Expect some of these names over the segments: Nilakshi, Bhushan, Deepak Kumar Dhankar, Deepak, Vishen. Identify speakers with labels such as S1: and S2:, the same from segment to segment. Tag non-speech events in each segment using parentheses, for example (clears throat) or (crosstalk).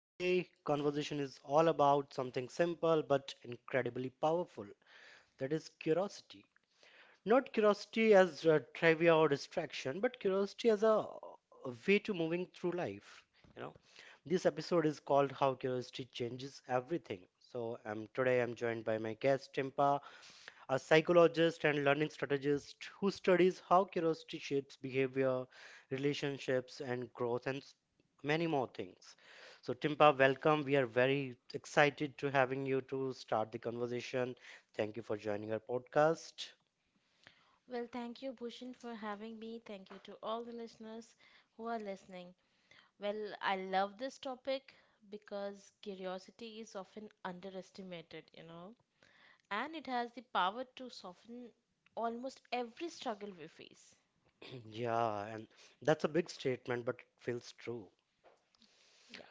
S1: Today conversation is all about something simple but incredibly powerful. That is curiosity. Not curiosity as a trivia or distraction, but curiosity as a way to moving through life. You know, this episode is called "How Curiosity Changes Everything." So, I'm today I'm joined by my guest Timpa, a psychologist and learning strategist who studies how curiosity shapes behavior, relationships, and growth, and many more things. So, Timpa, welcome. We are very excited to having you to start the conversation. Thank you for joining our podcast.
S2: Well, thank you, Bhushan, for having me. Thank you to all the listeners who are listening. Well, I love this topic because curiosity is often underestimated, you know, and it has the power to soften almost every struggle we face.
S1: (clears throat) Yeah, and that's a big statement, but it feels true.
S2: Yeah.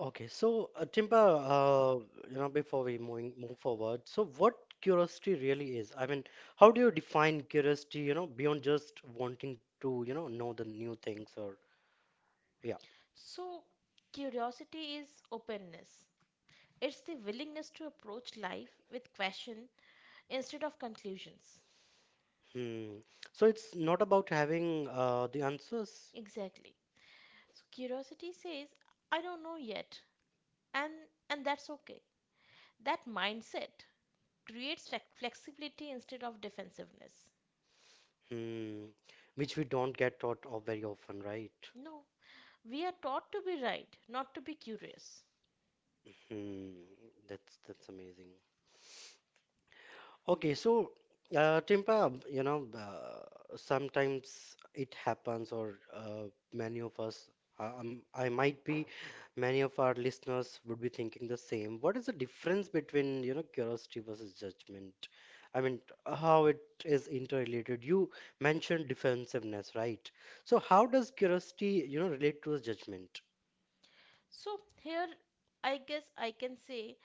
S1: Okay, so Timba, uh, you know, before we moving move forward, so what curiosity really is? I mean, how do you define curiosity? You know, beyond just wanting to, you know the new things or yeah.
S2: So, curiosity is openness. It's the willingness to approach life with question instead of conclusions.
S1: Hmm. So it's not about having the answers,
S2: Exactly. So curiosity says, I don't know yet, and and that's okay. That mindset creates flexibility instead of defensiveness.
S1: hmm, which we don't get taught of very often, right?
S2: No, we are taught to be right, not to be curious.
S1: Hmm. That's amazing. Okay, so Timpa, you know, sometimes it happens, or many of us, I might be, many of our listeners would be thinking the same. What is the difference between, you know, curiosity versus judgment? I mean, how it is interrelated? You mentioned defensiveness, right? So, how does curiosity, you know, relate to the judgment?
S2: So, here I guess I can say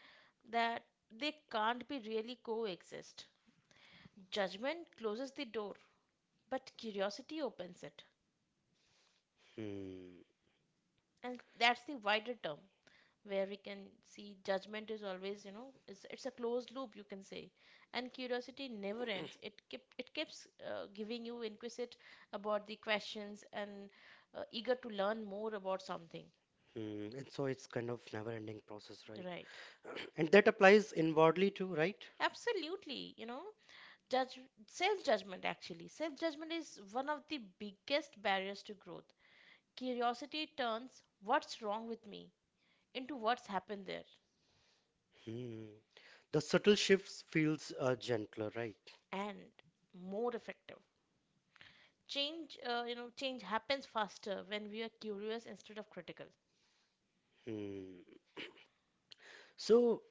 S2: that they can't be really coexist. Judgment closes the door, but curiosity opens it.
S1: Hmm.
S2: And that's the wider term where we can see judgment is always, you know, it's a closed loop, you can say, and curiosity never ends. It keeps giving you inquisite about the questions and eager to learn more about something.
S1: Hmm. And so it's kind of never-ending process, right?
S2: Right,
S1: (clears throat) And that applies inwardly too, right?
S2: absolutely, you know. Judge Self judgment, actually self judgment is one of the biggest barriers to growth. Curiosity turns what's wrong with me into what's happened there.
S1: Hmm. The subtle shifts feels gentler, right?
S2: And more effective change, you know, change happens faster when we are curious instead of critical.
S1: Hmm. So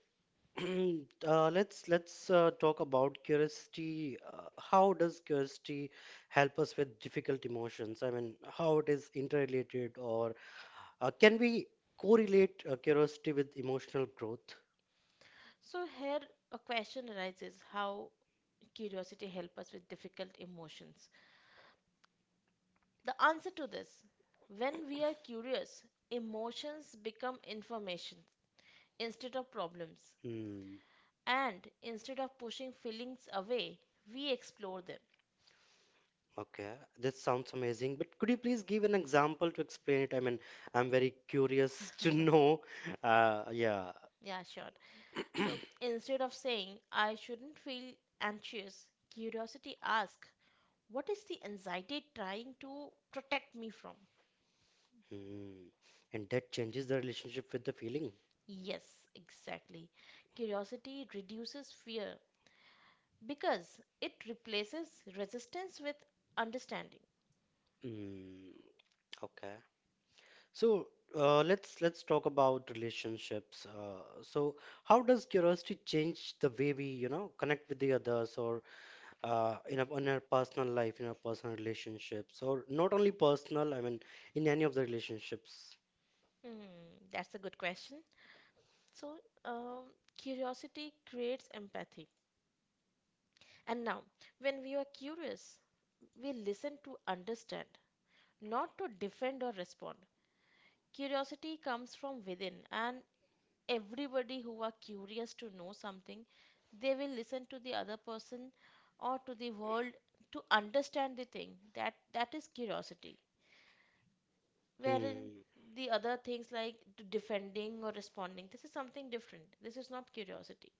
S1: (clears throat) let's talk about curiosity. How does curiosity help us with difficult emotions? I mean, how it is interrelated, or can we correlate curiosity with emotional growth?
S2: So here a question arises: how curiosity help us with difficult emotions. The answer to this: when we are curious, emotions become information instead of problems.
S1: Hmm.
S2: And instead of pushing feelings away, we explore them.
S1: Okay, this sounds amazing. But could you please give an example to explain it? I mean, I'm very curious (laughs) to know. Yeah.
S2: Yeah, sure. So
S1: (clears throat)
S2: instead of saying I shouldn't feel anxious, curiosity asks, what is the anxiety trying to protect me from?
S1: Mm. And that changes the relationship with the feeling.
S2: Yes, exactly. Curiosity reduces fear because it replaces resistance with understanding.
S1: Mm. Okay. So let's talk about relationships. So how does curiosity change the way we, you know, connect with the others or in our personal life, in our personal relationships, or not only personal, I mean, in any of the relationships.
S2: Hmm, that's a good question. So, um, curiosity creates empathy. And now, when we are curious, we listen to understand, not to defend or respond. Curiosity comes from within, and everybody who are curious to know something, they will listen to the other person or to the world to understand the thing. That is curiosity, wherein
S1: Hmm.
S2: the other things like defending or responding, this is something different, this is not curiosity.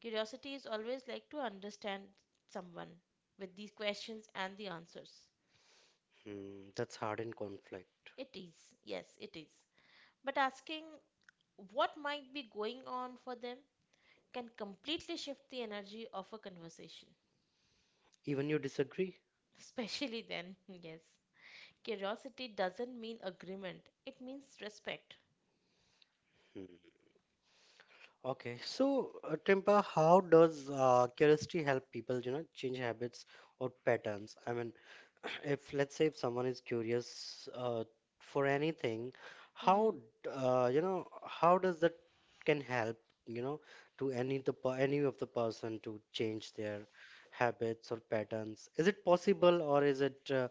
S2: Curiosity is always like to understand someone with these questions and the answers.
S1: Hmm. That's hard in conflict.
S2: It is, yes it is, but asking what might be going on for them can completely shift the energy of a conversation.
S1: Even you disagree?
S2: Especially then, (laughs) yes. Curiosity doesn't mean agreement, it means respect.
S1: Hmm. Okay, so Timpa, how does curiosity help people, you know, change habits or patterns? I mean, (clears throat) if let's say if someone is curious for anything, how
S2: Mhm,
S1: you know how does that can help, you know, to any of the person to change their habits or patterns? Is it possible, or is it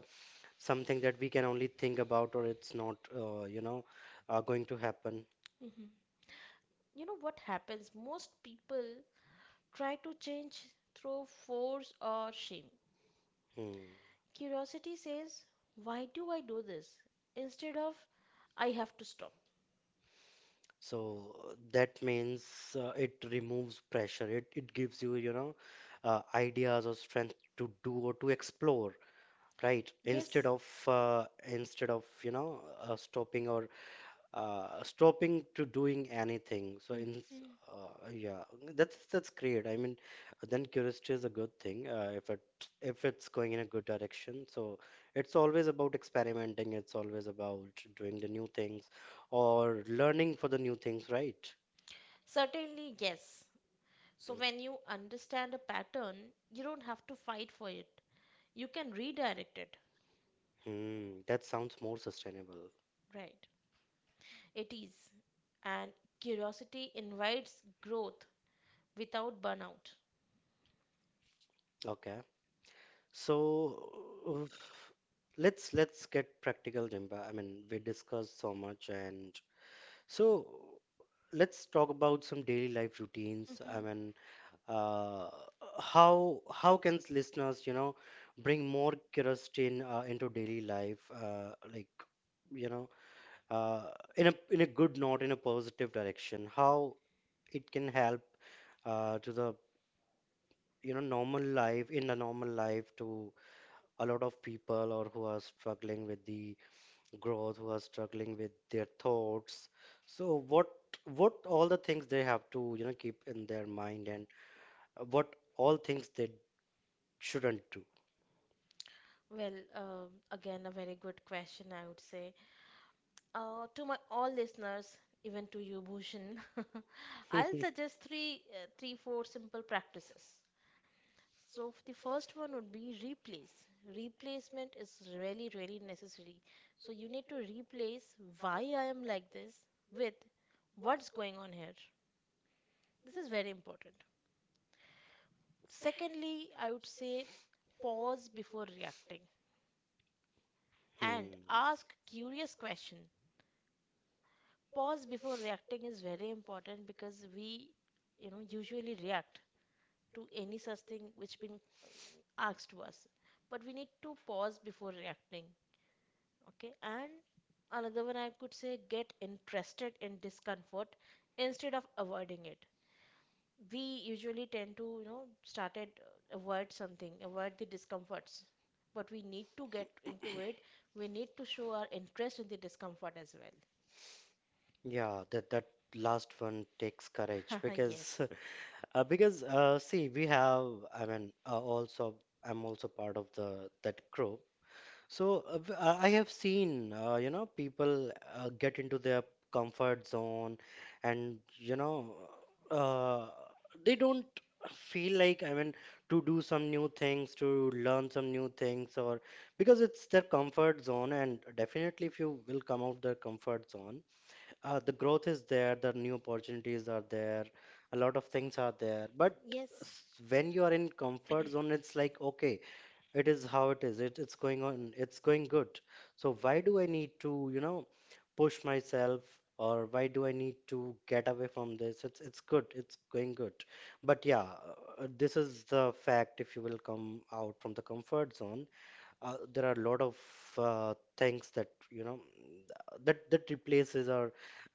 S1: something that we can only think about, or it's not, going to happen?
S2: mhm. You know what happens? Most people try to change through force or shame.
S1: Hmm.
S2: Curiosity says, why do I do this? Instead of I have to stop.
S1: So that means it removes pressure. It gives you, you know, ideas or strength to do or to explore, right? Instead
S2: Yes.
S1: of stopping or stopping to doing anything. So in
S2: Mhm.
S1: yeah, that's great. I mean, then curiosity is a good thing if it if it's going in a good direction. So it's always about experimenting. It's always about doing the new things or learning for the new things, right?
S2: Certainly, yes. So when you understand a pattern, you don't have to fight for it. You can redirect it.
S1: Hmm, that sounds more sustainable.
S2: Right. It is. And curiosity invites growth without burnout.
S1: Okay. So uh, let's get practical, Dimba. I mean, we discussed so much and so let's talk about some daily life routines. I
S2: Mhm.
S1: mean, uh, how can listeners, you know, bring more curiosity in, into daily life, like you know, uh, in a good note, in a positive direction. How it can help to the you know normal life in the normal life to a lot of people or who are struggling with the growth, who are struggling with their thoughts, so what all the things they have to you know keep in their mind, and what all things they shouldn't do.
S2: Well, again, a very good question, I would say. To my all listeners, even to you, Bhushan, (laughs) I'll
S1: (laughs)
S2: suggest three, three, four simple practices. So the first one would be replace. Replacement is really, really necessary. So you need to replace why I am like this with what's going on here. This is very important. Secondly, I would say pause before reacting and
S1: Hmm.
S2: ask curious question. Pause before reacting is very important because we, you know, usually react to any such thing which been asked to us. But we need to pause before reacting. Okay. And another one I could say, get interested in discomfort instead of avoiding it. We usually tend to, you know, started avoid something, avoid the discomforts, but we need to get into it. We need to show our interest in the discomfort as well.
S1: Yeah, that last one takes courage
S2: (laughs)
S1: because
S2: Yes.
S1: (laughs) because see we have I mean also I'm also part of the that group. So I have seen, you know, people get into their comfort zone, and you know, uh, they don't feel like I mean to do some new things, to learn some new things, or because it's their comfort zone. And definitely, if you will come out their comfort zone, the growth is there, the new opportunities are there, a lot of things are there. But
S2: Yes,
S1: when you are in comfort zone, it's like okay, it is how it is, it, it's going on, it's going good, so why do I need to you know push myself, or why do I need to get away from this, it's good, it's going good. But yeah, this is the fact, if you will come out from the comfort zone, there are a lot of things that you know that replaces or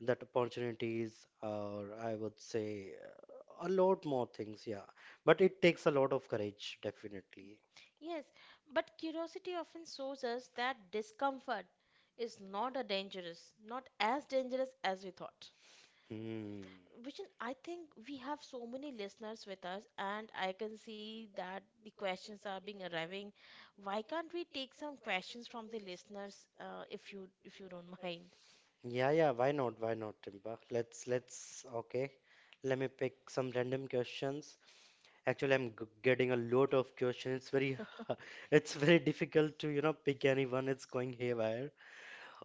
S1: that opportunities, or I would say a lot more things. Yeah, but it takes a lot of courage definitely.
S2: yes, but curiosity often shows us that discomfort is not a dangerous, not as dangerous as we thought.
S1: Hmm.
S2: Vishen, I think we have so many listeners with us, and I can see that the questions are being arriving. Why can't we take some questions from the listeners, if you don't (laughs) mind?
S1: Yeah, yeah, why not? Why not, Timba? Let's okay. Let me pick some random questions. Actually, I'm g getting a lot of questions. It's very (laughs) it's very difficult to, you know, pick anyone. It's going haywire.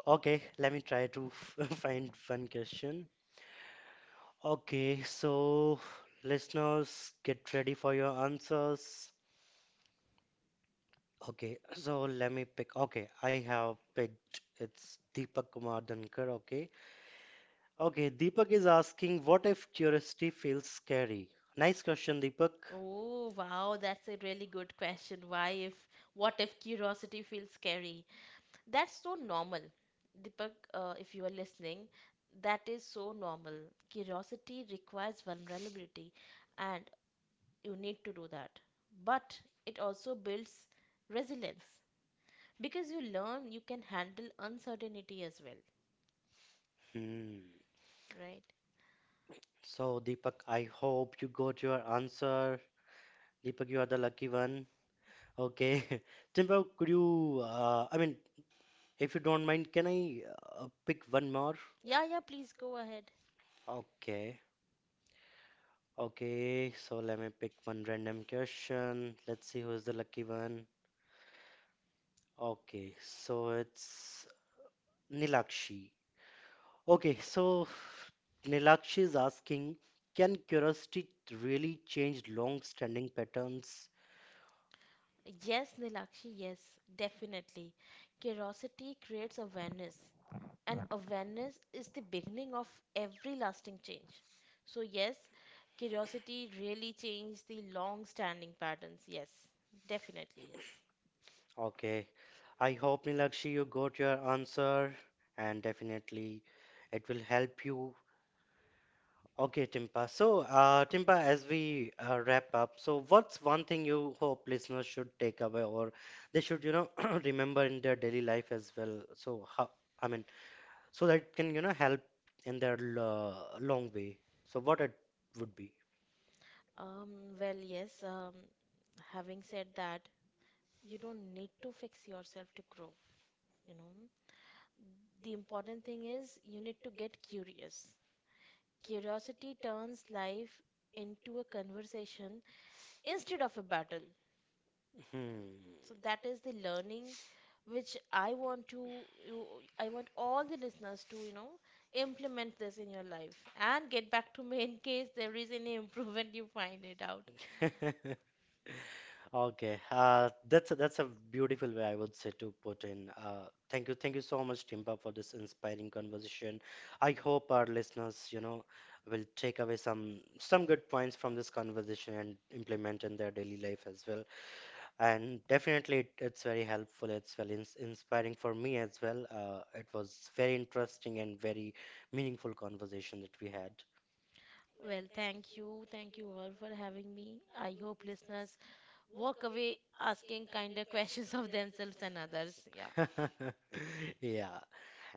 S1: Okay, let me try to (laughs) find one question. Okay, so listeners, get ready for your answers. Okay, so let me pick. Okay, I have picked. It's Deepak Kumar Dhankar. Okay, okay, Deepak is asking, what if curiosity feels scary? Nice question, Deepak.
S2: Oh, wow, that's a really good question. Why if What if curiosity feels scary? That's so normal. Deepak, if you are listening, that is so normal. Curiosity requires vulnerability, and you need to do that. But it also builds resilience, because you learn you can handle uncertainty as well,
S1: Hmm.
S2: right?
S1: So, Deepak, I hope you got your answer. Deepak, you are the lucky one. Okay. (laughs) Timber, could you, I mean, if you don't mind, can I pick one more?
S2: Yeah, yeah, please go ahead.
S1: Okay. Okay. So, let me pick one random question. Let's see who is the lucky one. Okay. So, it's Nilakshi. Okay, so Nilakshi is asking, can curiosity really change long-standing patterns?
S2: Yes, Nilakshi, yes, definitely. Curiosity creates awareness, and awareness is the beginning of every lasting change. So, yes, curiosity really changed the long standing patterns. Yes, definitely, yes.
S1: Okay, I hope Nilakshi you got your answer, and definitely it will help you. Okay, Timpa. So, Timpa, as we wrap up, so what's one thing you hope listeners should take away, or they should, you know, (clears throat) remember in their daily life as well? So, how, I mean, so that it can, you know, help in their long way. So, what it would be?
S2: Well, yes, having said that, you don't need to fix yourself to grow, you know. The important thing is you need to get curious. Curiosity turns life into a conversation instead of a battle.
S1: Hmm.
S2: So that is the learning which I want to you, I want all the listeners to, you know, implement this in your life and get back to me in case there is any improvement you find it out.
S1: (laughs) Okay, that's a beautiful way I would say to put in. Thank you so much, Timba, for this inspiring conversation. I hope our listeners, you know, will take away some good points from this conversation and implement in their daily life as well. And definitely, it's very helpful. It's very inspiring for me as well. It was very interesting and very meaningful conversation that we had.
S2: Well, thank you. Thank you all for having me. I hope listeners walk away asking kinder (laughs) questions of themselves and others. Yeah.
S1: (laughs) Yeah.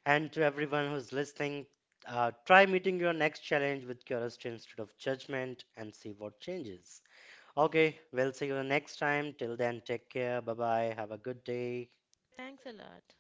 S1: And to everyone who's listening, try meeting your next challenge with curiosity instead of judgment and see what changes. Okay, we'll see you next time. Till then, take care. Bye bye. Have a good day.
S2: Thanks a lot.